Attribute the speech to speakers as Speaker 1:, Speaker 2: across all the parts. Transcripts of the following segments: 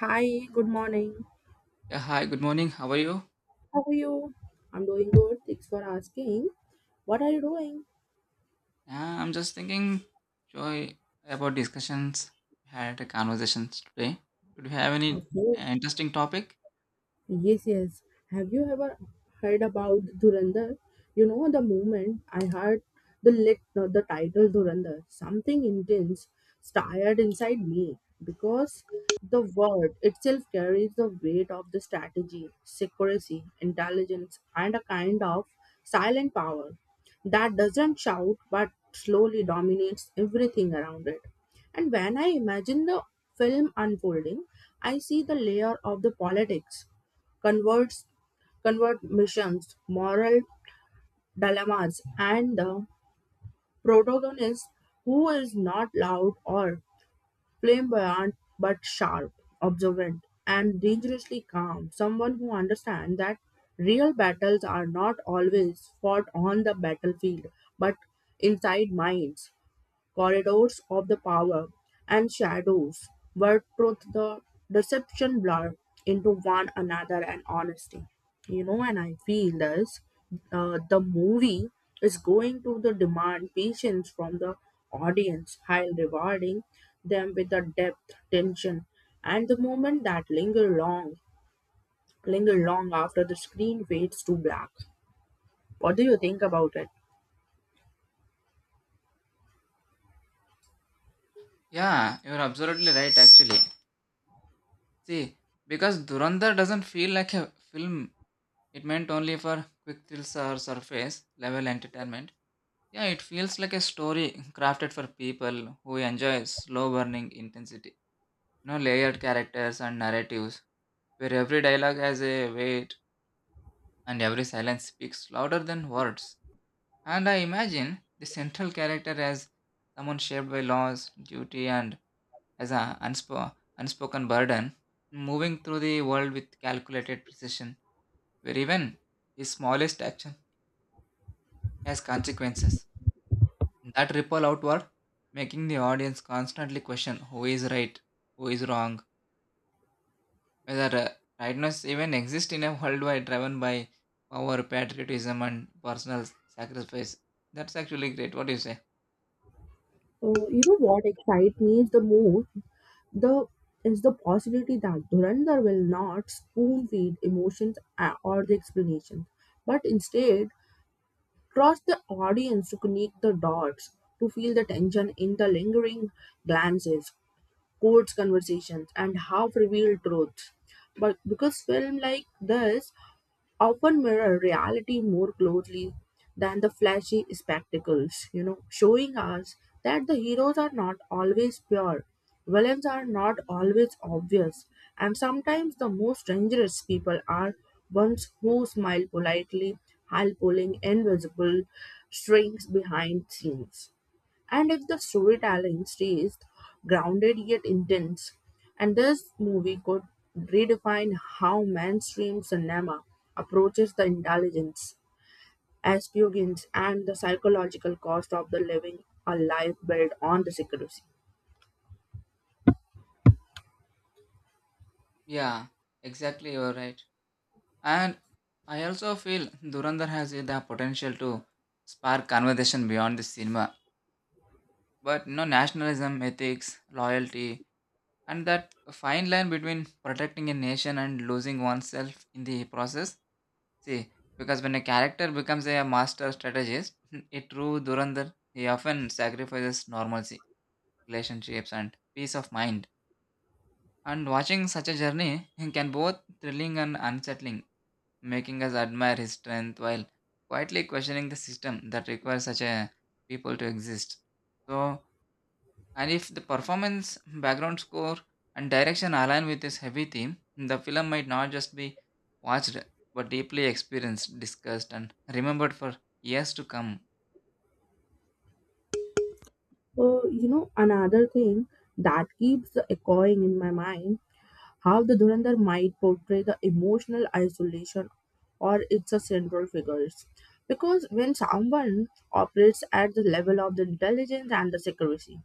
Speaker 1: Hi, good morning.
Speaker 2: Yeah, hi, good morning. How are you?
Speaker 1: How are you? I'm doing good. Thanks for asking. What are you doing?
Speaker 2: Yeah, I'm just thinking, Joy, about discussions we had a conversations today. Did you have any
Speaker 1: Okay.
Speaker 2: interesting topic?
Speaker 1: Yes, yes. Have you ever heard about Dhurandhar? You know, the moment I heard the title Dhurandhar, something intense stirred inside me because the word itself carries the weight of the strategy, secrecy, intelligence, and a kind of silent power that doesn't shout but slowly dominates everything around it. And when I imagine the film unfolding, I see the layer of the politics converts convert missions, moral dilemmas, and the protagonist who is not loud or flamboyant but sharp, observant, and dangerously calm. Someone who understands that real battles are not always fought on the battlefield but inside minds corridors of the power, and shadows where truth the deception blur into one another and honesty. And I feel this the movie is going to the demand patience from the audience while rewarding them with the depth tension and the moment that linger long after the screen fades to black. What do you think about it?
Speaker 2: Yeah, you're absolutely right, actually. See, because Durandar doesn't feel like a film, it meant only for quick thrills or surface level entertainment. Yeah, it feels like a story crafted for people who enjoy slow burning intensity. You know, layered characters and narratives where every dialogue has a weight and every silence speaks louder than words. And I imagine the central character as someone shaped by laws, duty, and as an unspoken burden, moving through the world with calculated precision, where even his smallest action has consequences that ripple outward, making the audience constantly question who is right, who is wrong, whether rightness even exists in a worldwide driven by power, patriotism, and personal sacrifice. That's actually great. What do you say?
Speaker 1: You know what excites me the most? The is the possibility that Dhurandhar will not spoon feed emotions or the explanations, but instead trust the audience to connect the dots, to feel the tension in the lingering glances, quotes, conversations, and half revealed truths. But because film like this often mirror reality more closely than the flashy spectacles, you know, showing us that the heroes are not always pure, villains are not always obvious, and sometimes the most dangerous people are ones who smile politely while pulling invisible strings behind scenes. And if the storytelling stays grounded yet intense, and this movie could redefine how mainstream cinema approaches the intelligence, aspirins, and the psychological cost of the living a life built on the secrecy.
Speaker 2: Yeah, exactly, you're right. And I also feel Durandar has the potential to spark conversation beyond the cinema. But you know, nationalism, ethics, loyalty, and that fine line between protecting a nation and losing oneself in the process. See, because when a character becomes a master strategist, a true Durandar, he often sacrifices normalcy, relationships, and peace of mind. And watching such a journey can both thrilling and unsettling, making us admire his strength while quietly questioning the system that requires such a people to exist. So, and if the performance, background score, and direction align with this heavy theme, the film might not just be watched but deeply experienced, discussed, and remembered for years to come.
Speaker 1: You know, another thing that keeps echoing in my mind. How the Dhurandhar might portray the emotional isolation or its a central figures. Because when someone operates at the level of the intelligence and the secrecy,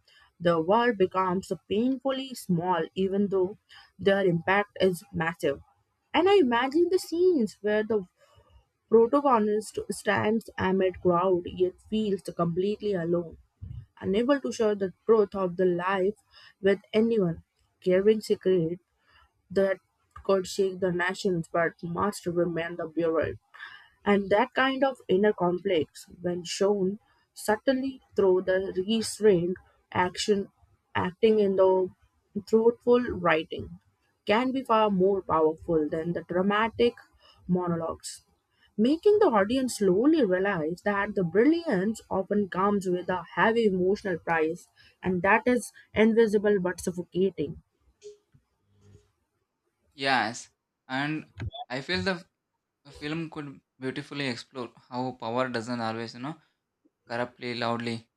Speaker 1: the world becomes painfully small, even though their impact is massive. And I imagine the scenes where the protagonist stands amid crowd yet feels completely alone, unable to share the truth of the life with anyone, carrying secret that could shake the nations but must remain the bureau. And that kind of inner conflicts, when shown subtly through the restrained action, acting in the truthful writing, can be far more powerful than the dramatic monologues, making the audience slowly realize that the brilliance often comes with a heavy emotional price, and that is invisible but suffocating.
Speaker 2: Yes, and I feel the film could beautifully explore how power doesn't always, you know, corruptly, loudly,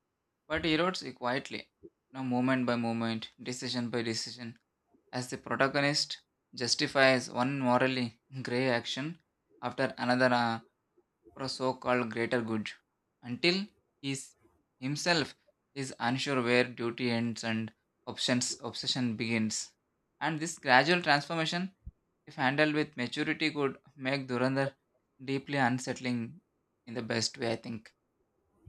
Speaker 2: but erodes it quietly, you know, moment by moment, decision by decision, as the protagonist justifies one morally gray action after another for a so-called greater good until he himself is unsure where duty ends and options obsession begins, and this gradual transformation, if handled with maturity, could make Durandar deeply unsettling in the best way I think.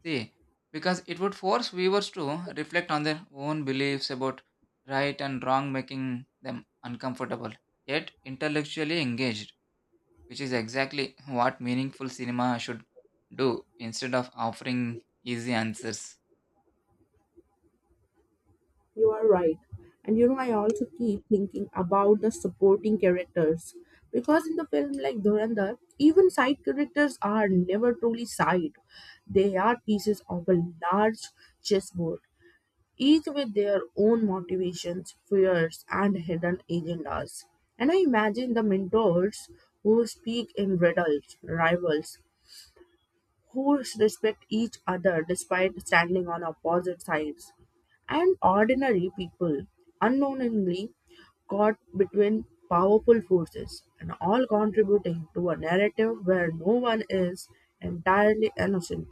Speaker 2: See, because it would force viewers to reflect on their own beliefs about right and wrong, making them uncomfortable yet intellectually engaged, which is exactly what meaningful cinema should do instead of offering easy answers.
Speaker 1: You are right. And you know, I also keep thinking about the supporting characters. Because in the film like Dhurandhar, even side characters are never truly side. They are pieces of a large chessboard, each with their own motivations, fears, and hidden agendas. And I imagine the mentors who speak in riddles, rivals, who respect each other despite standing on opposite sides. And ordinary people unknowingly caught between powerful forces and all contributing to a narrative where no one is entirely innocent.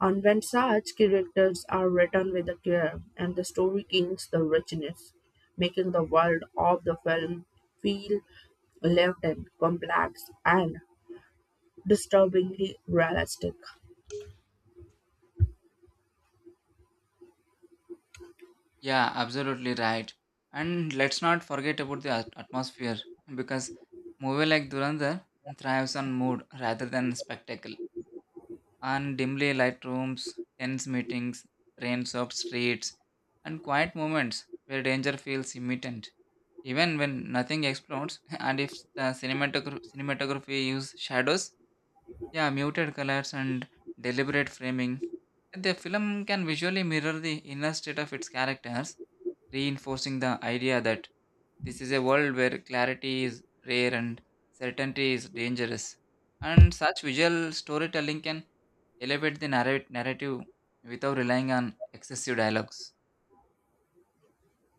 Speaker 1: And when such characters are written with a care and the story gains the richness, making the world of the film feel lived in, complex, and disturbingly realistic.
Speaker 2: Yeah, absolutely right. And let's not forget about the atmosphere, because movie like Durandar thrives on mood rather than spectacle. On dimly light rooms, tense meetings, rain-soaked streets, and quiet moments where danger feels imminent. Even when nothing explodes, and if the cinematography use shadows, yeah, muted colors and deliberate framing. The film can visually mirror the inner state of its characters, reinforcing the idea that this is a world where clarity is rare and certainty is dangerous. And such visual storytelling can elevate the narrate narrative without relying on excessive dialogues.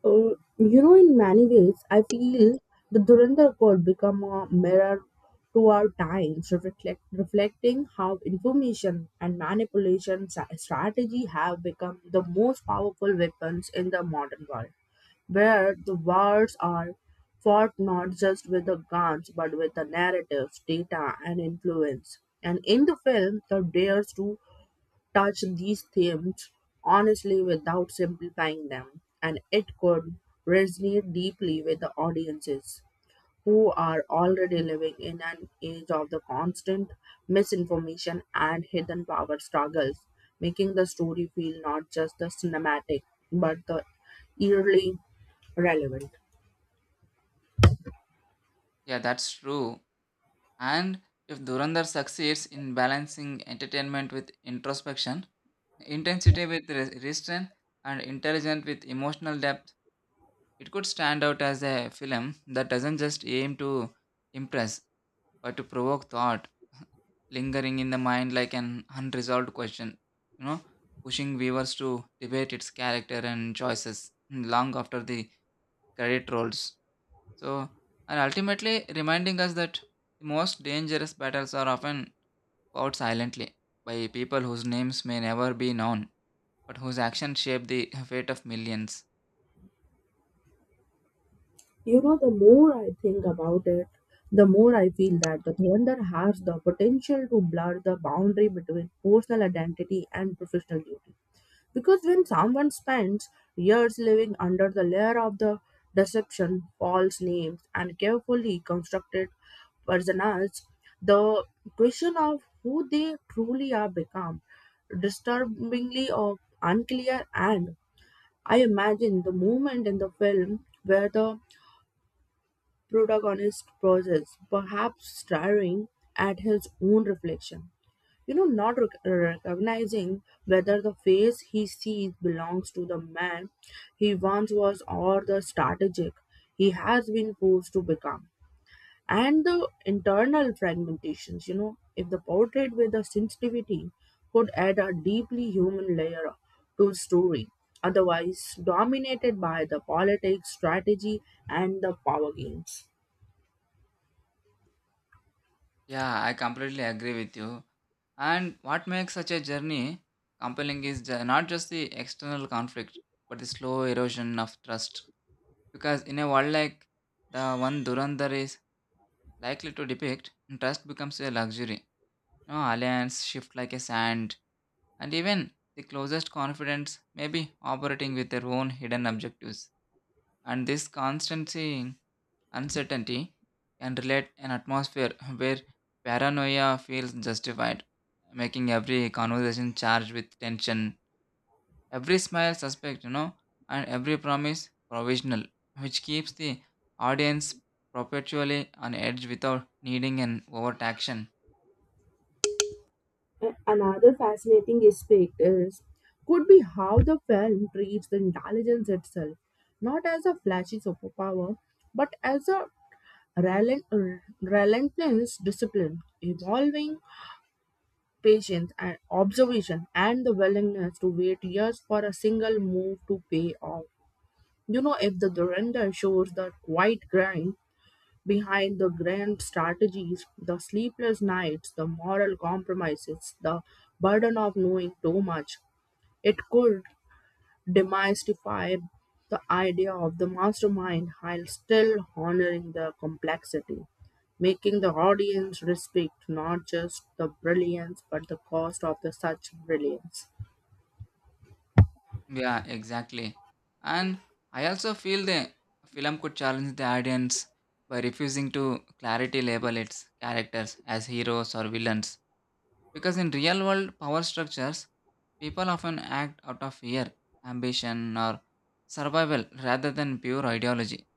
Speaker 1: Uh, you know, in many ways, I feel the Durandar Code become a mirror to our times, reflecting how information and strategy have become the most powerful weapons in the modern world, where the wars are fought not just with the guns but with the narratives, data, and influence. And in the film, the dares to touch these themes honestly without simplifying them, and it could resonate deeply with the audiences who are already living in an age of the constant misinformation and hidden power struggles, making the story feel not just the cinematic but the eerily relevant.
Speaker 2: Yeah, that's true. And if Durandar succeeds in balancing entertainment with introspection, intensity with restraint, and intelligent with emotional depth, it could stand out as a film that doesn't just aim to impress but to provoke thought, lingering in the mind like an unresolved question, you know, pushing viewers to debate its character and choices long after the credit rolls. So, and ultimately reminding us that the most dangerous battles are often fought silently by people whose names may never be known, but whose actions shape the fate of millions.
Speaker 1: You know, the more I think about it, the more I feel that the Thunder has the potential to blur the boundary between personal identity and professional duty. Because when someone spends years living under the layer of the deception, false names, and carefully constructed personas, the question of who they truly are become disturbingly or unclear. And I imagine the moment in the film where the protagonist pauses, perhaps staring at his own reflection. You know, not rec- recognizing whether the face he sees belongs to the man he once was or the strategic he has been forced to become. And the internal fragmentations, you know, if the portrait with the sensitivity could add a deeply human layer to story, otherwise dominated by the politics, strategy, and the power games.
Speaker 2: Yeah, I completely agree with you. And what makes such a journey compelling is not just the external conflict, but the slow erosion of trust. Because in a world like the one Durandar is likely to depict, trust becomes a luxury. You know, alliance shift like a sand, and even the closest confidants may be operating with their own hidden objectives. And this constancy uncertainty can relate an atmosphere where paranoia feels justified, making every conversation charged with tension, every smile suspect, you know, and every promise provisional, which keeps the audience perpetually on edge without needing an overt action.
Speaker 1: And another fascinating aspect is could be how the film treats the intelligence itself, not as a flashy superpower, but as a relentless discipline, evolving patience and observation, and the willingness to wait years for a single move to pay off. You know, if the Duranda shows the quiet grind behind the grand strategies, the sleepless nights, the moral compromises, the burden of knowing too much. It could demystify the idea of the mastermind while still honoring the complexity, making the audience respect not just the brilliance but the cost of the such brilliance.
Speaker 2: Yeah, exactly. And I also feel the film could challenge the audience by refusing to clarity label its characters as heroes or villains. Because in real world power structures, people often act out of fear, ambition, or survival rather than pure ideology.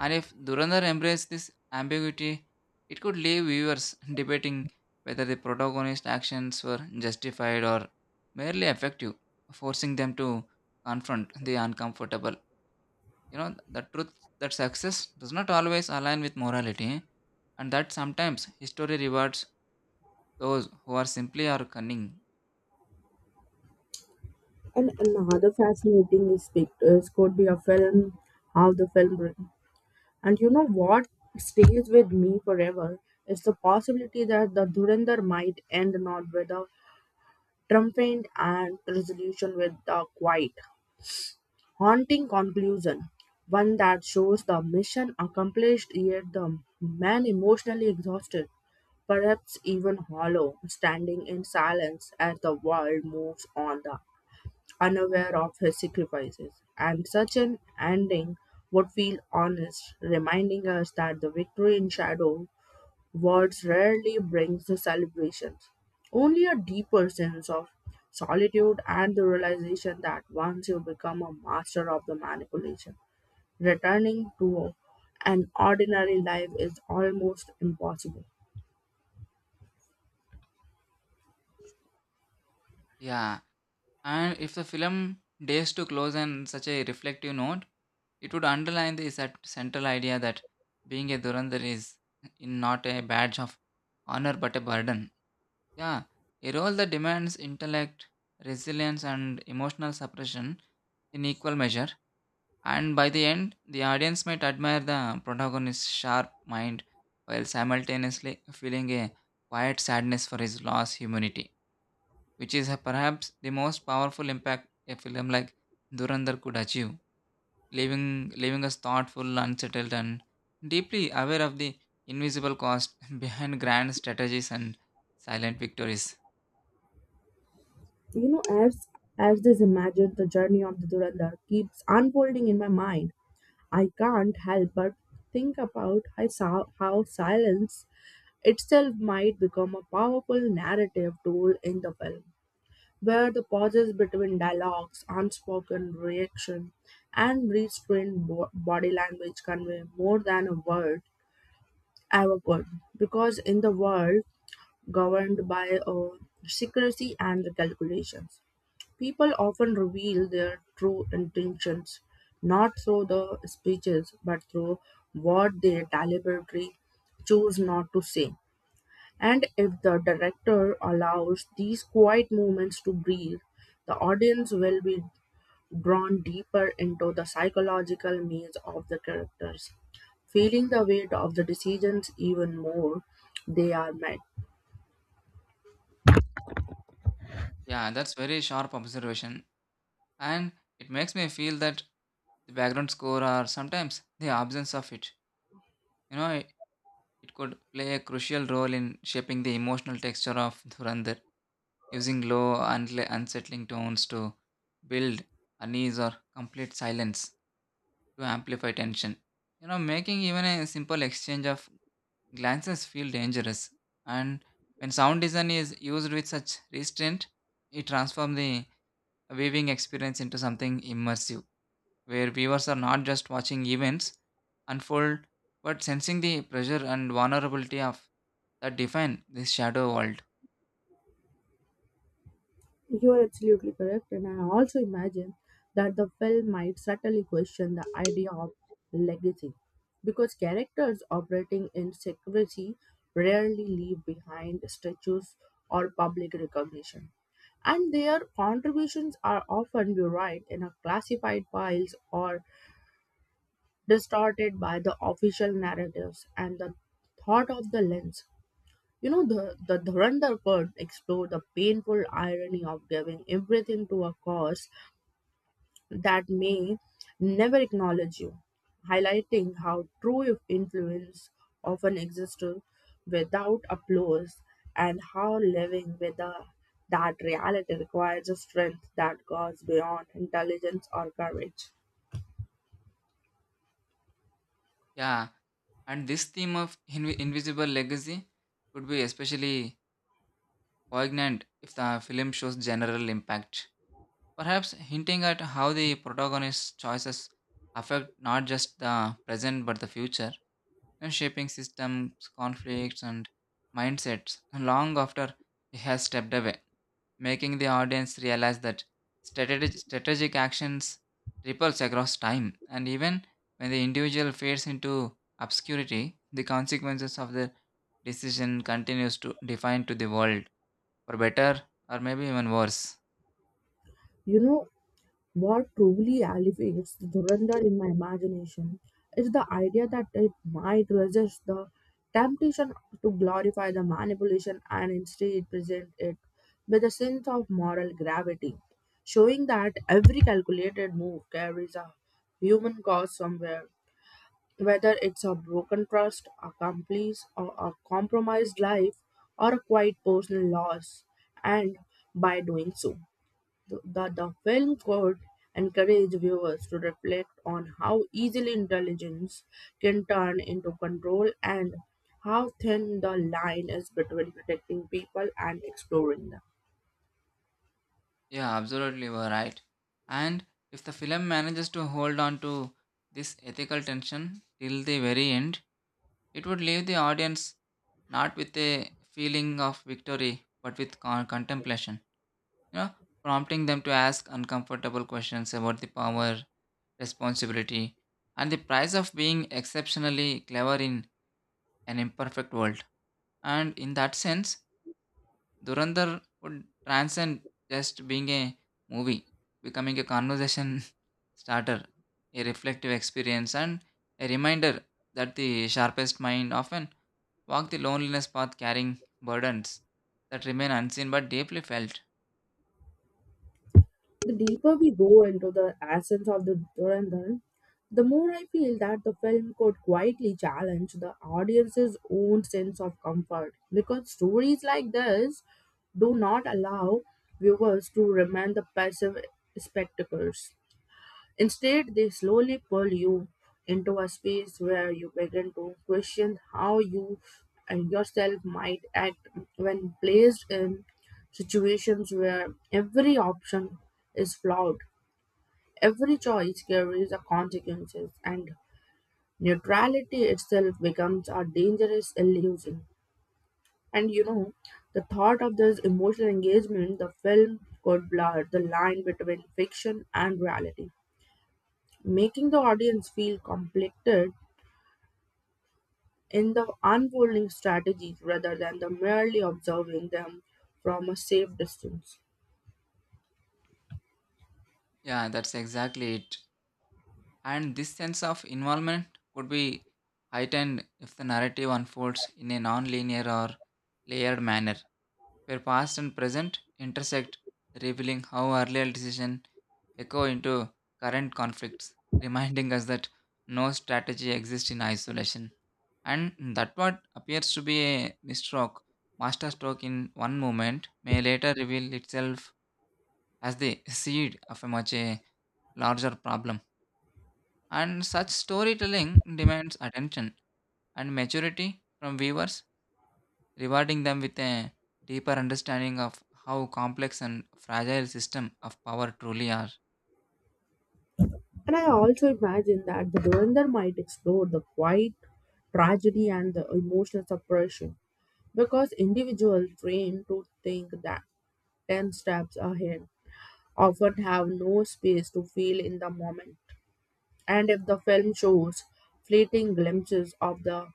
Speaker 2: And if Durandar embraced this ambiguity, it could leave viewers debating whether the protagonist's actions were justified or merely effective, forcing them to confront the uncomfortable. You know, the truth that success does not always align with morality, and that sometimes history rewards those who are simply or cunning.
Speaker 1: And another fascinating aspect is could be a film, how the film. And you know what stays with me forever is the possibility that the Dhurandhar might end not with a triumphant and resolution with a quiet, haunting conclusion, one that shows the mission accomplished yet the man emotionally exhausted, perhaps even hollow, standing in silence as the world moves on. The unaware of his sacrifices. And such an ending would feel honest, reminding us that the victory in shadow words rarely brings the celebrations. Only a deeper sense of solitude and the realization that once you become a master of the manipulation, returning to an ordinary life is almost impossible.
Speaker 2: Yeah, and if the film dares to close on such a reflective note, it would underline the central idea that being a Durandar is in not a badge of honor but a burden. Yeah, a role that demands intellect, resilience, and emotional suppression in equal measure. And by the end, the audience might admire the protagonist's sharp mind while simultaneously feeling a quiet sadness for his lost humanity, which is perhaps the most powerful impact a film like Durandar could achieve, leaving us thoughtful, unsettled, and deeply aware of the invisible cost behind grand strategies and silent victories.
Speaker 1: You know, as this imagined, the journey of the Durandar keeps unfolding in my mind. I can't help but think about how silence itself might become a powerful narrative tool in the film, where the pauses between dialogues, unspoken reaction, and body language convey more than a word ever could. Because in the world governed by secrecy and the calculations, people often reveal their true intentions, not through the speeches, but through what they deliberately choose not to say. And if the director allows these quiet moments to breathe, the audience will be drawn deeper into the psychological maze of the characters, feeling the weight of the decisions even more they are made.
Speaker 2: Yeah, that's very sharp observation, and it makes me feel that the background score, or sometimes the absence of it. You know, it could play a crucial role in shaping the emotional texture of Durandar, using low, unsettling tones to build unease, or complete silence to amplify tension. You know, making even a simple exchange of glances feel dangerous. And when sound design is used with such restraint, it transforms the viewing experience into something immersive, where viewers are not just watching events unfold, but sensing the pressure and vulnerability of that define this shadow world.
Speaker 1: You are absolutely correct, and I also imagine that the film might subtly question the idea of legacy because characters operating in secrecy rarely leave behind statues or public recognition, and their contributions are often buried in a classified files or distorted by the official narratives and the thought of the lens. You know, the Dhurandhar could explore the painful irony of giving everything to a cause that may never acknowledge you, highlighting how true influence often exists without applause and how living with a, that reality requires a strength that goes beyond intelligence or courage.
Speaker 2: Yeah, and this theme of invisible legacy could be especially poignant if the film shows general impact, perhaps hinting at how the protagonist's choices affect not just the present but the future, and shaping systems, conflicts, and mindsets long after he has stepped away, making the audience realize that strategic actions ripples across time, and even when the individual fades into obscurity, the consequences of their decision continues to define to the world for better or maybe even worse.
Speaker 1: You know, what truly elevates Dhurandhar in my imagination is the idea that it might resist the temptation to glorify the manipulation and instead present it with a sense of moral gravity, showing that every calculated move carries a human cost somewhere, whether it's a broken trust, a complice, or a compromised life, or a quite personal loss, and by doing so. The film could encourage viewers to reflect on how easily intelligence can turn into control and how thin the line is between protecting people and exploring them.
Speaker 2: Yeah, absolutely, you are right. And if the film manages to hold on to this ethical tension till the very end, it would leave the audience not with a feeling of victory but with contemplation, you know, prompting them to ask uncomfortable questions about the power, responsibility, and the price of being exceptionally clever in an imperfect world. And in that sense, Durandar would transcend just being a movie, becoming a conversation starter, a reflective experience, and a reminder that the sharpest mind often walk the loneliness path carrying burdens that remain unseen but deeply felt.
Speaker 1: The deeper we go into the essence of the Durandar, the more I feel that the film could quietly challenge the audience's own sense of comfort because stories like this do not allow viewers to remain the passive spectators. Instead, they slowly pull you into a space where you begin to question how you and yourself might act when placed in situations where every option is flawed. Every choice carries a consequences and neutrality itself becomes a dangerous illusion. And you know, the thought of this emotional engagement, the film could blur the line between fiction and reality making the audience feel conflicted in the unfolding strategies rather than the merely observing them from a safe distance.
Speaker 2: Yeah, that's exactly it. And this sense of involvement could be heightened if the narrative unfolds in a non linear or layered manner where past and present intersect, revealing how earlier decisions echo into current conflicts, reminding us that no strategy exists in isolation. And that what appears to be a misstroke, masterstroke in one moment, may later reveal itself as the seed of a much a larger problem. And such storytelling demands attention and maturity from viewers, rewarding them with a deeper understanding of how complex and fragile system of power truly are.
Speaker 1: And I also imagine that the Dhurandhar might explore the quiet tragedy and the emotional suppression because individuals trained to think that 10 steps ahead often have no space to feel in the moment. And if the film shows fleeting glimpses of the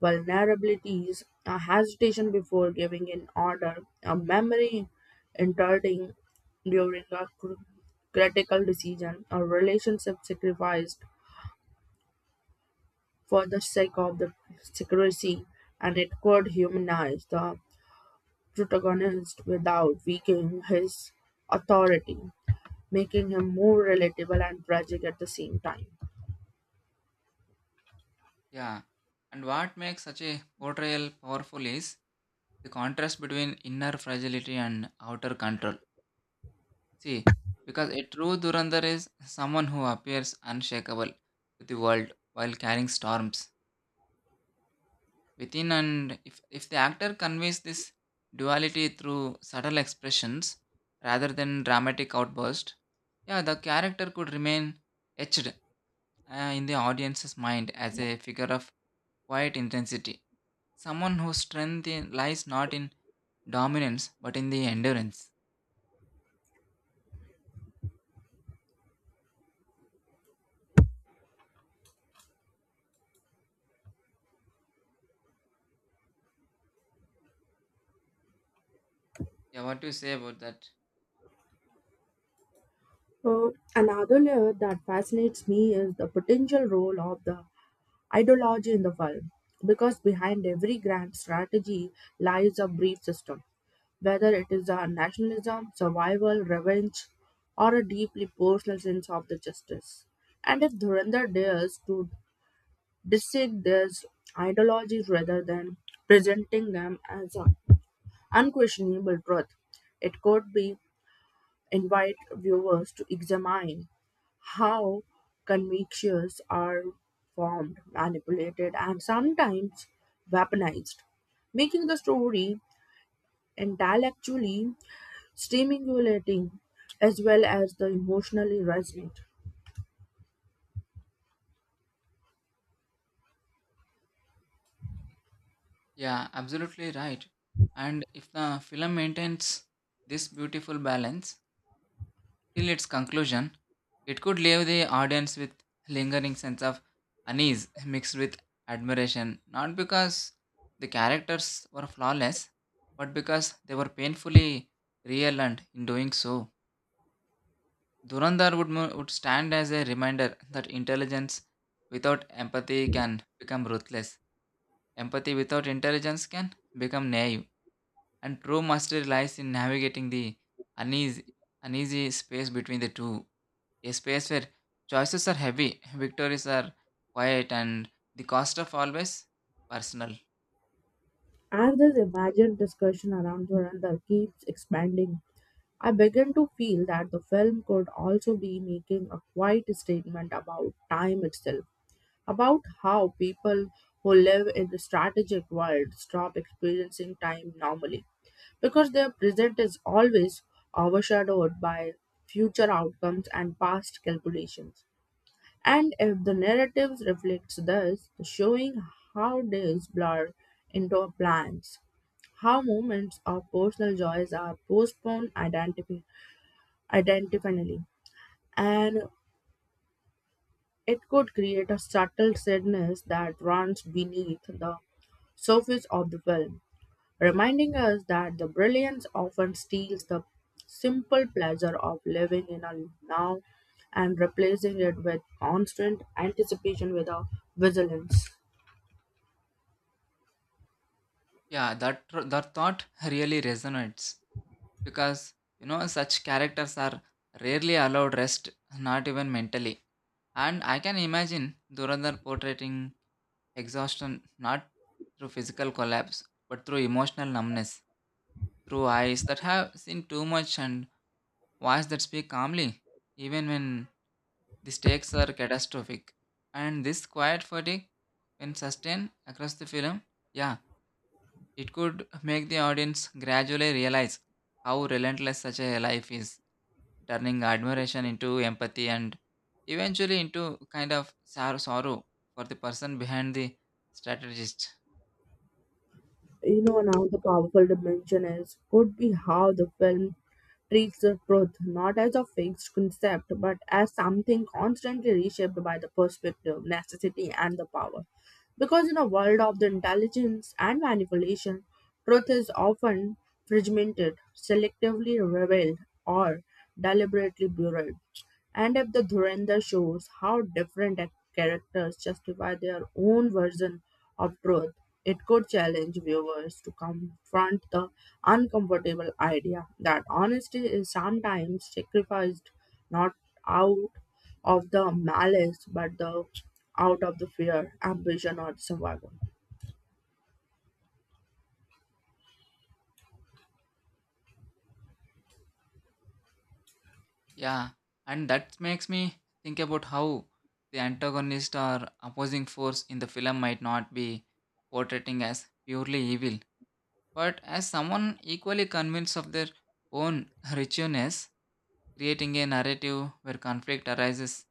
Speaker 1: vulnerabilities, a hesitation before giving an order, a memory interrupting during a critical decision, a relationship sacrificed for the sake of the secrecy, and it could humanize the protagonist without weakening his authority, making him more relatable and tragic at the same time.
Speaker 2: Yeah. And what makes such a portrayal powerful is the contrast between inner fragility and outer control. See, because a true Durandar is someone who appears unshakable to the world while carrying storms within, and if the actor conveys this duality through subtle expressions rather than dramatic outburst, yeah, the character could remain etched, in the audience's mind as a figure of quiet intensity, someone whose lies not in dominance but in the endurance. Yeah, what do you say about that?
Speaker 1: Uh, Another layer that fascinates me is the potential role of the ideology in the film, because behind every grand strategy lies a brief system, whether it is a nationalism, survival, revenge, or a deeply personal sense of the justice. And if Dhurandhar dares to dissect these ideologies rather than presenting them as an unquestionable truth, it could be invite viewers to examine how convictions are formed, manipulated, and sometimes weaponized, making the story intellectually stimulating as well as the emotionally resonant.
Speaker 2: Yeah, absolutely right. And if the film maintains this beautiful balance till its conclusion, it could leave the audience with lingering sense of unease mixed with admiration, not because the characters were flawless, but because they were painfully real, and in doing so, Durandar would, would stand as a reminder that intelligence without empathy can become ruthless. Empathy without intelligence can become naive, and true mastery lies in navigating the uneasy, uneasy space between the two, a space where choices are heavy, victories are quiet, and the cost of always personal.
Speaker 1: As this imagined discussion around Dhurandhar keeps expanding, I begin to feel that the film could also be making a quiet statement about time itself about how people who live in the strategic world stop experiencing time normally because their present is always overshadowed by future outcomes and past calculations. And if the narrative reflects this, showing how days blur into plans, how moments of personal joys are identifinally, and it could create a subtle sadness that runs beneath the surface of the film, reminding us that the brilliance often steals the simple pleasure of living in a now and replacing it with constant anticipation with a vigilance.
Speaker 2: Yeah, that thought really resonates, because you know such characters are rarely allowed rest, not even mentally. And I can imagine Durandar portraying exhaustion not through physical collapse but through emotional numbness, through eyes that have seen too much and voice that speak calmly even when the stakes are catastrophic. And this quiet fatigue, when sustained across the film, yeah, it could make the audience gradually realize how relentless such a life is, turning admiration into empathy and eventually into kind of sorrow for the person behind the strategist.
Speaker 1: You know, another powerful dimension is could be how the film treats the truth not as a fixed concept but as something constantly reshaped by the perspective, necessity, and the power. Because in a world of the intelligence and manipulation, truth is often fragmented, selectively revealed, or deliberately buried. And if the Dhurandhar shows how different characters justify their own version of truth, it could challenge viewers to confront the uncomfortable idea that honesty is sometimes sacrificed not out of the malice, but the out of the fear, ambition, or survival.
Speaker 2: Yeah, and that makes me think about how the antagonist or opposing force in the film might not be portraying as purely evil, but as someone equally convinced of their own righteousness, creating a narrative where conflict arises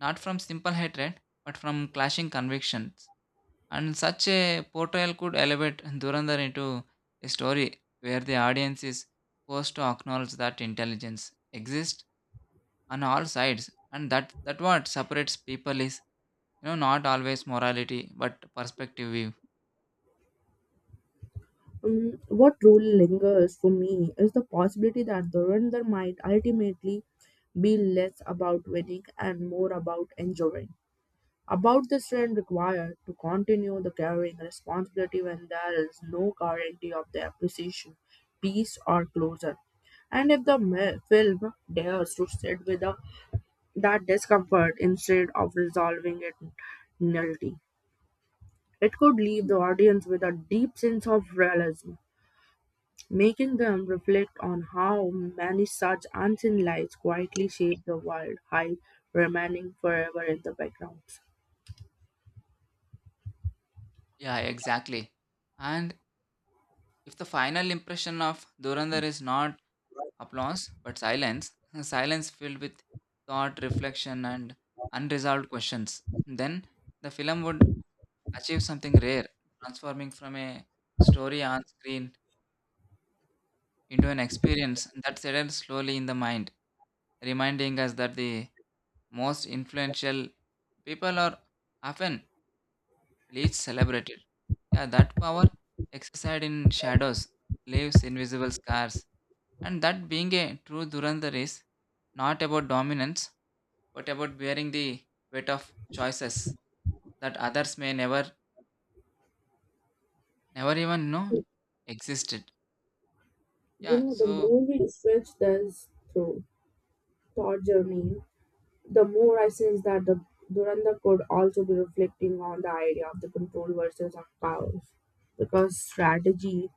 Speaker 2: not from simple hatred but from clashing convictions. And such a portrayal could elevate Durandar into a story where the audience is forced to acknowledge that intelligence exists on all sides, and that what separates people is, you know, not always morality but perspective view.
Speaker 1: What truly lingers for me is the possibility that the render might ultimately be less about winning and more about enjoying. About the strength required to continue the carrying responsibility when there is no guarantee of their precision, peace, or closure. And if the film dares to sit with a that discomfort, instead of resolving it nullity, it could leave the audience with a deep sense of realism, making them reflect on how many such unseen lights quietly shape the world, high remaining forever in the background.
Speaker 2: Yeah, exactly. And if the final impression of Durandar is not applause but silence, silence filled with thought, reflection, and unresolved questions, then the film would achieve something rare, transforming from a story on screen into an experience that settles slowly in the mind, reminding us that the most influential people are often least celebrated. Yeah, that power exercised in shadows leaves invisible scars, and that being a true Durandar is not about dominance but about bearing the weight of choices that others may never even know existed.
Speaker 1: You
Speaker 2: Yeah,
Speaker 1: know, the
Speaker 2: so
Speaker 1: movie stretched this through thought journey the more I sense that the Duranda could also be reflecting on the idea of the control versus of powers because strategy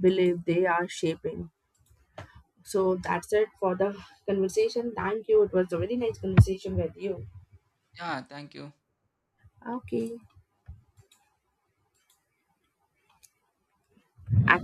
Speaker 1: believe they are shaping. So that's it for the conversation. Thank you. It was a very nice conversation with you.
Speaker 2: yeah, thank you.
Speaker 1: Okay.